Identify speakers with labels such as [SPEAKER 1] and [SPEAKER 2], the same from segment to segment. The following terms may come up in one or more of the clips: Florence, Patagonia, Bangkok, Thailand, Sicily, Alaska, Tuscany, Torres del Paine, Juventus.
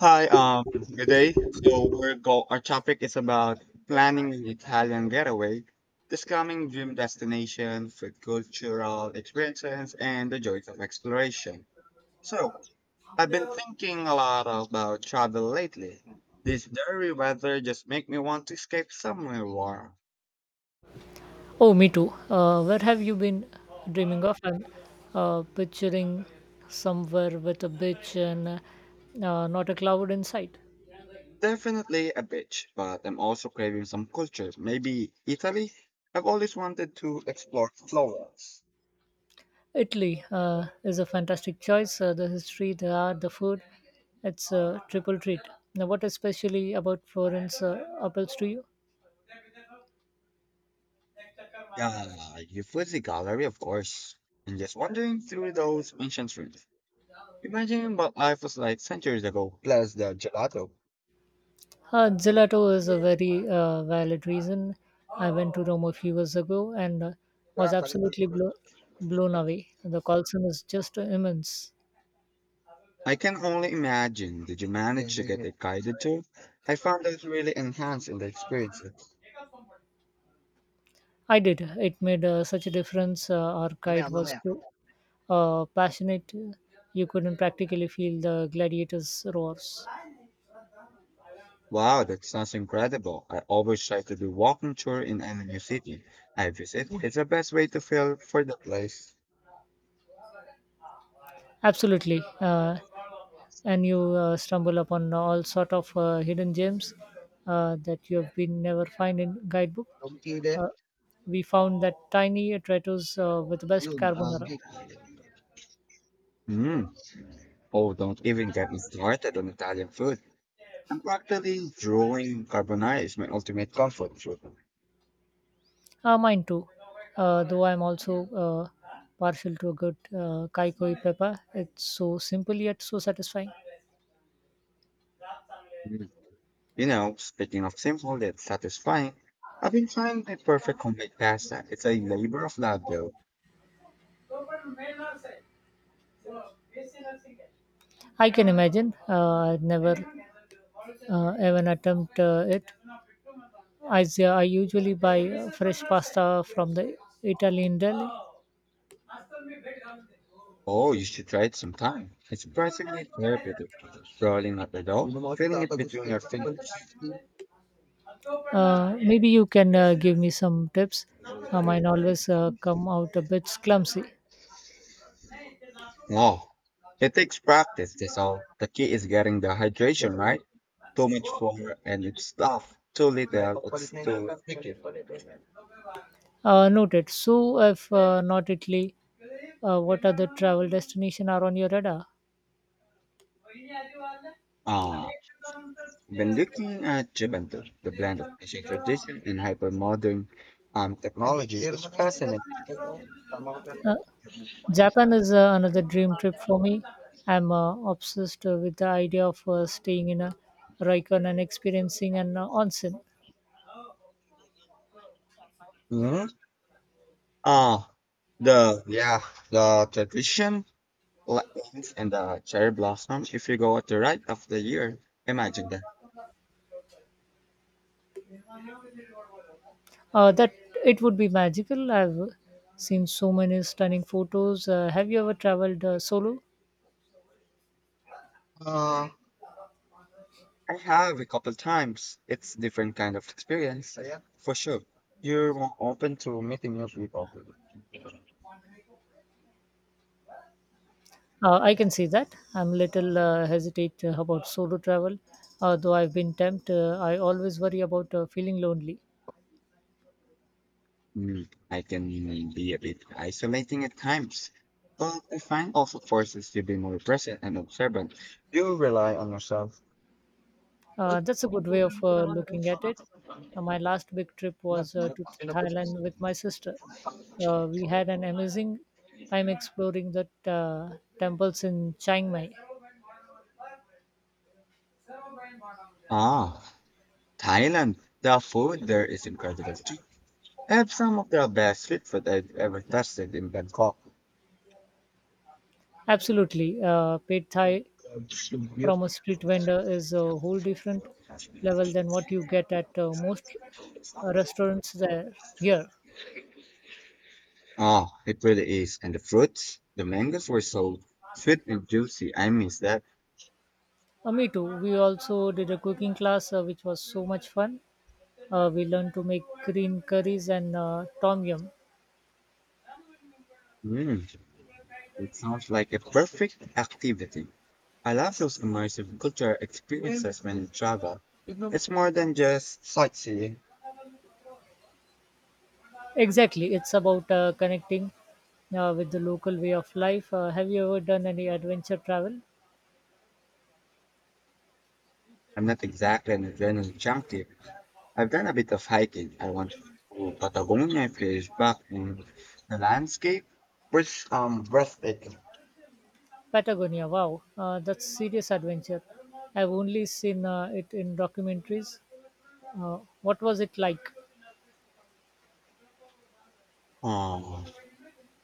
[SPEAKER 1] Hi, good day. So we're go our topic is about planning an Italian getaway, discovering dream destination, food cultural experiences, and the joys of exploration. So I've been thinking a lot about travel lately. This dreary weather just make me want to escape somewhere warm.
[SPEAKER 2] Oh, me too. Where have you been dreaming of? I'm picturing somewhere with a beach and not a cloud in sight.
[SPEAKER 1] Definitely a beach, but I'm also craving some culture, maybe Italy. I've always wanted to explore Florence.
[SPEAKER 2] Italy is a fantastic choice. The history, the art, the food. It's a triple treat. Now, what especially about Florence appeals to you?
[SPEAKER 1] Yeah, you put the gallery, of course. And just wandering through those ancient streets. Imagine what life was like centuries ago. Plus the gelato.
[SPEAKER 2] Gelato is a very valid reason. I went to Rome a few years ago and was absolutely blown away. The Colosseum is just immense.
[SPEAKER 1] I can only imagine. Did you manage to get a guided tour? I found that really enhancing the experience.
[SPEAKER 2] I did. It made such a difference. Our guide was so passionate, you couldn't practically feel the gladiators' roars.
[SPEAKER 1] Wow, that sounds incredible. I always try to do walking tour in any new city I visit. It's the best way to feel for the place.
[SPEAKER 2] Absolutely, and you stumble upon all sort of hidden gems that you have been never find in guidebook. Uh, we found that tiny Traito's with the best carbonara.
[SPEAKER 1] Mm. Oh, don't even get me started on Italian food. I'm practically drawing carbonara is my ultimate comfort food.
[SPEAKER 2] Mine too, though I'm also partial to a good kaikoi pepper. It's so simple yet so satisfying.
[SPEAKER 1] Mm. You know, speaking of simple yet satisfying, I've been trying the perfect homemade pasta. It's a labor of love, though.
[SPEAKER 2] I can imagine. I'd never even attempt it. I usually buy fresh pasta from the Italian deli.
[SPEAKER 1] Oh, you should try it sometime. It's surprisingly therapeutic. Rolling up the dough, feeling it between your fingers.
[SPEAKER 2] Maybe you can give me some tips. Mine always come out a bit clumsy.
[SPEAKER 1] Oh, it takes practice, that's all. The key is getting the hydration right. Too much flour and it's tough. Too little, it's too.
[SPEAKER 2] Noted. So, if not Italy, what other travel destination are on your radar?
[SPEAKER 1] Ah. When looking at Juventus, the blend of ancient tradition and hypermodern technology is fascinating.
[SPEAKER 2] Uh, Japan is another dream trip for me. I'm obsessed with the idea of staying in a ryokan and experiencing an onsen.
[SPEAKER 1] Mhm. Ah, the yeah, the tradition lightnings and the cherry blossom. If you go at the right of the year, imagine that.
[SPEAKER 2] That it would be magical. I've seen so many stunning photos. Have you ever traveled solo?
[SPEAKER 1] I have a couple times. It's different kind of experience. Oh, yeah, for sure. You're more open to meeting new people.
[SPEAKER 2] I can see that. I'm little hesitate about solo travel, though I've been tempted. I always worry about feeling lonely.
[SPEAKER 1] Mm, I can be a bit isolating at times, but I find also forces you to be more present and observant. You rely on yourself.
[SPEAKER 2] That's a good way of looking at it. My last big trip was to Thailand with my sister. We had an amazing time exploring the temples in Chiang Mai.
[SPEAKER 1] Ah, Thailand. The food there is incredible too. I have some of the best street food I've ever tasted in Bangkok.
[SPEAKER 2] Absolutely. Paid Thai from a street vendor is a whole different level than what you get at most restaurants there here.
[SPEAKER 1] Oh, it really is. And the fruits, the mangoes were so sweet and juicy. I miss that.
[SPEAKER 2] Me too. We also did a cooking class, which was so much fun. We learned to make green curries and tom yum.
[SPEAKER 1] Mm, it sounds like a perfect activity. I love those immersive culture experiences when you travel. It's more than just sightseeing.
[SPEAKER 2] Exactly, it's about connecting with the local way of life. Have you ever done any adventure travel?
[SPEAKER 1] I'm not exactly an adrenaline junkie. I've done a bit of hiking. I went to Patagonia a few years back, and the landscape was breathtaking.
[SPEAKER 2] Patagonia, wow, that's serious adventure. I've only seen it in documentaries. What was it like?
[SPEAKER 1] Oh,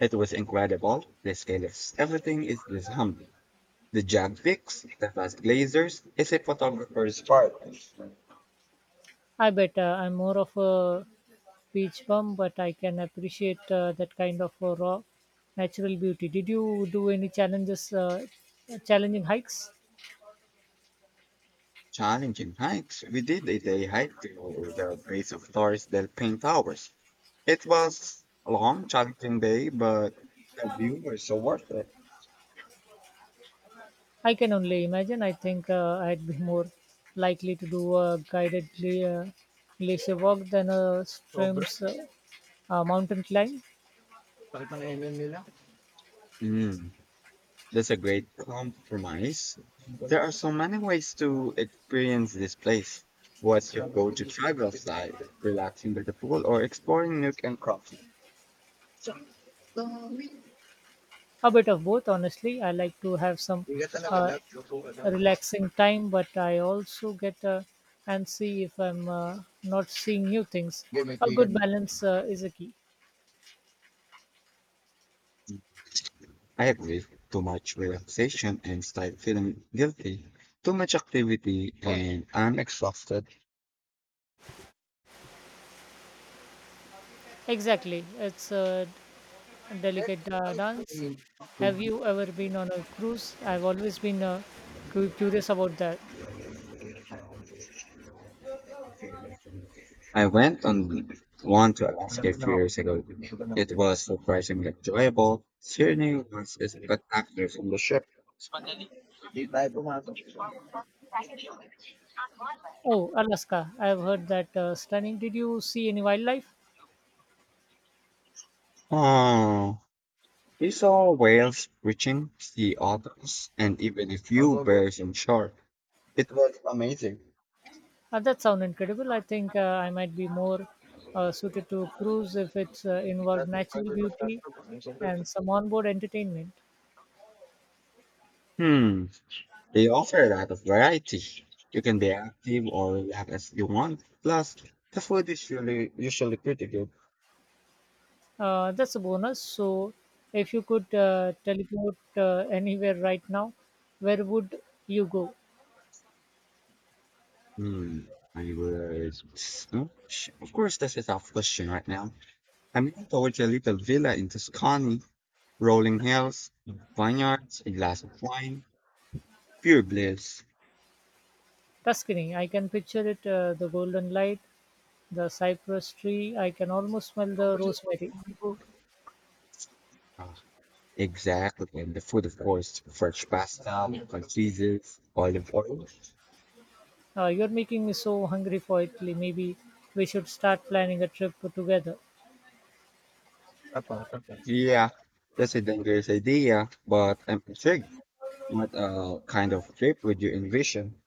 [SPEAKER 1] it was incredible. The scale of everything is this humbling. The jag picks, the vast glazers, is a photographer's part.
[SPEAKER 2] I bet I'm more of a beach bum, but I can appreciate that kind of raw natural beauty. Did you do any challenging hikes?
[SPEAKER 1] Challenging hikes. We did a day hike to the base of Torres del Paine Towers. It was a long, challenging day, but the view was so worth it.
[SPEAKER 2] I can only imagine. I think I'd be more likely to do a guided glacier walk than a streams mountain climb.
[SPEAKER 1] Mm, that's a great compromise. There are so many ways to experience this place. What's your go-to travel style? Relaxing by the pool or exploring nook and craft?
[SPEAKER 2] A bit of both, honestly. I like to have some uh, relaxing time, but I also get antsy if I'm not seeing new things. A good balance is a key.
[SPEAKER 1] I agree. Too much relaxation and start feeling guilty. Too much activity and I'm exhausted.
[SPEAKER 2] Exactly, it's a delicate dance. Have you ever been on a cruise? I've always been curious about that.
[SPEAKER 1] I went on one to Alaska a few years ago. It was surprisingly enjoyable. Scenery was spectacular from the ship.
[SPEAKER 2] Oh, Alaska. I've heard that stunning. Did you see any wildlife?
[SPEAKER 1] Oh, we saw whales, reaching sea otters, and even a few bears on shore. It was amazing.
[SPEAKER 2] That sounds incredible. I think I might be more suited to cruise if it's involved natural beauty and some onboard entertainment.
[SPEAKER 1] Hmm, they offer a lot of variety. You can be active or relax as you want. Plus, the food is really usually pretty good.
[SPEAKER 2] That's a bonus. So, if you could teleport anywhere right now, where would you go?
[SPEAKER 1] Hmm, I would. Of course, that's a tough question right now. I'm leaning towards a little villa in Tuscany, rolling hills, vineyards, a glass of wine, pure bliss.
[SPEAKER 2] Tuscany. I can picture it, the golden light, the cypress tree. I can almost smell the rosemary.
[SPEAKER 1] Ah, exactly. And the food, of course, fresh pasta, con cheeses, olive oil.
[SPEAKER 2] You're making me so hungry for Italy. Maybe we should start planning a trip together.
[SPEAKER 1] Yeah, that's a dangerous idea, but I'm intrigued. What kind of trip would you envision?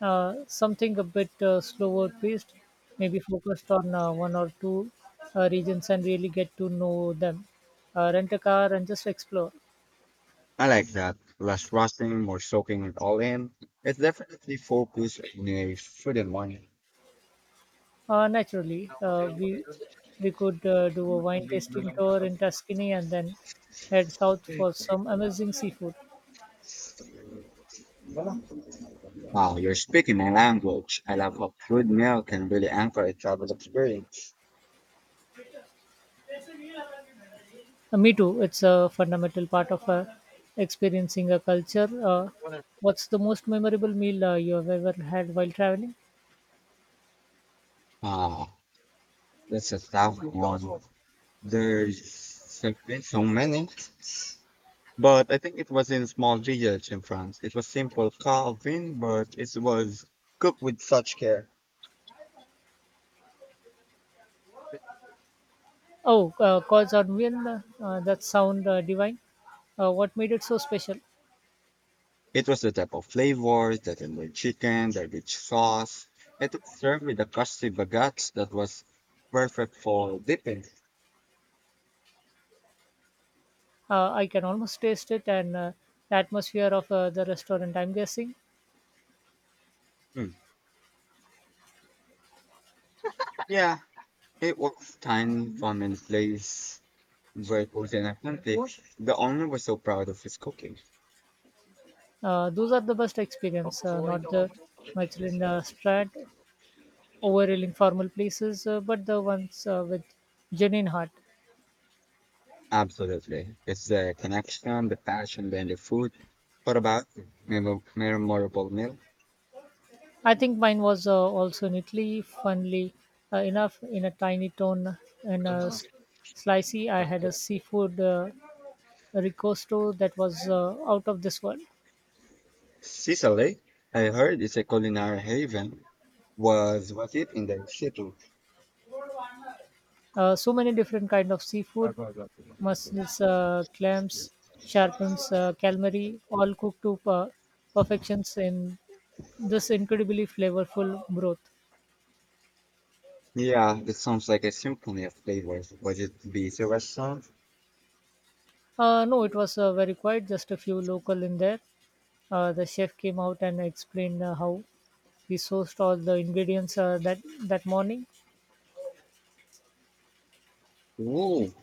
[SPEAKER 2] Something a bit slower paced, maybe focused on one or two regions and really get to know them. Rent a car and just explore.
[SPEAKER 1] I like that. Less rusting, more soaking it all in. It's definitely focused on a food and wine.
[SPEAKER 2] Naturally, we could do a wine tasting tour in Tuscany and then head south for some amazing seafood.
[SPEAKER 1] Wow, you're speaking my language. I love how crude meal can really anchor a travel experience.
[SPEAKER 2] Me too. It's a fundamental part of experiencing a culture. What's the most memorable meal you have ever had while traveling?
[SPEAKER 1] Ah, that's a tough one. There's have been so many, but I think it was in small village in France. It was simple carving, but it was cooked with such care.
[SPEAKER 2] Oh, cause or meal. That sound divine. What made it so special?
[SPEAKER 1] It was the type of flavors that in the chicken, the rich sauce. It was served with a crusty baguette that was perfect for dipping.
[SPEAKER 2] I can almost taste it, and the atmosphere of the restaurant, I'm guessing.
[SPEAKER 1] Hmm. Yeah, it was tiny from a place where it was an authentic. The owner was so proud of his cooking.
[SPEAKER 2] Those are the best experience, not the Michelin strat, overruling formal places, but the ones with genuine heart.
[SPEAKER 1] Absolutely. It's the connection, the passion behind the food. What about memorable meal?
[SPEAKER 2] I think mine was also in Italy, funnily enough, in a tiny town in a slicey. I had a seafood ricosto that was out of this world.
[SPEAKER 1] Sicily, I heard it's a culinary haven. Was it in the city?
[SPEAKER 2] So many different kind of seafood, mussels, clams, sharpens, calamari, all cooked to perfections in this incredibly flavorful broth.
[SPEAKER 1] Yeah, it sounds like a symphony of flavors. Was it delicious?
[SPEAKER 2] No, it was very quiet, just a few local in there. The chef came out and explained how we sourced all the ingredients that morning.
[SPEAKER 1] Ooh,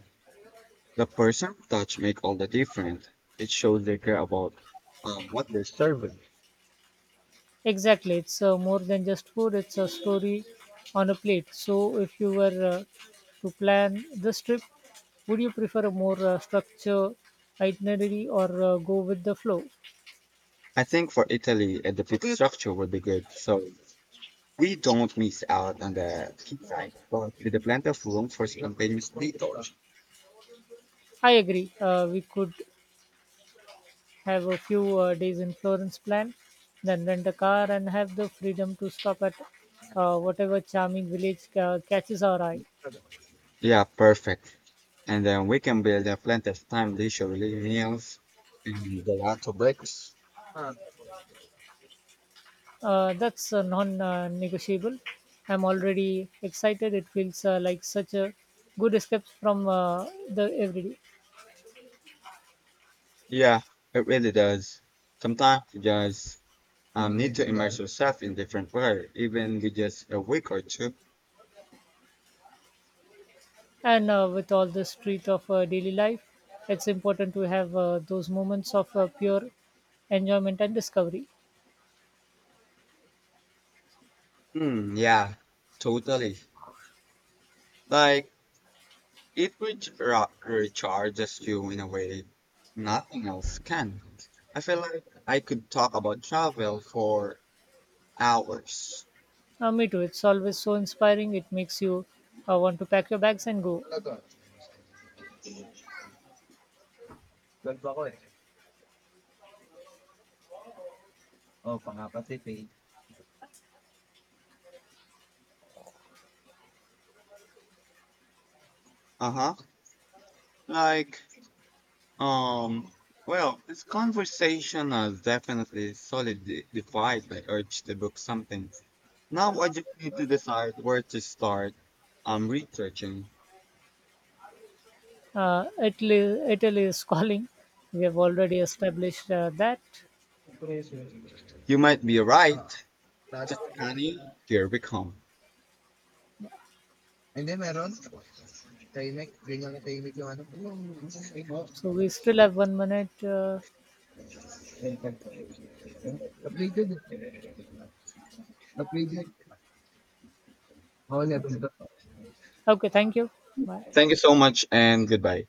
[SPEAKER 1] the person touch make all the difference. It shows they care about what they're serving.
[SPEAKER 2] Exactly, it's more than just food. It's a story on a plate. So if you were to plan this trip, would you prefer a more structured itinerary or go with the flow?
[SPEAKER 1] I think for Italy, the food structure would be good. So we don't miss out on the pizza, but with a plenty of room for spontaneous detours.
[SPEAKER 2] I agree, we could have a few days in Florence plan, then rent a car and have the freedom to stop at whatever charming village catches our eye.
[SPEAKER 1] Yeah, perfect. And then we can build a plenty of time leisurely meals. Mhm.
[SPEAKER 2] That's non-negotiable. I'm already excited. It feels like such a good escape from the everyday.
[SPEAKER 1] Yeah, it really does. Sometimes you just need to immerse yourself in different world, even with just a week or two.
[SPEAKER 2] And with all the street of daily life, it's important to have those moments of pure enjoyment and discovery.
[SPEAKER 1] Hmm, yeah, totally. Like, it recharges you in a way nothing else can. I feel like I could talk about travel for hours.
[SPEAKER 2] Me too. It's always so inspiring. It makes you want to pack your bags and go.
[SPEAKER 1] Uh huh. Like, um, this conversation has definitely solidly defied my urge to book something. Now I just need to decide where to start. I'm researching.
[SPEAKER 2] Italy, Italy is calling. We have already established that.
[SPEAKER 1] You might be right. That's honey, here we come.
[SPEAKER 2] So we still have 1 minute. Okay, thank you. Bye.
[SPEAKER 1] Thank you so much and goodbye.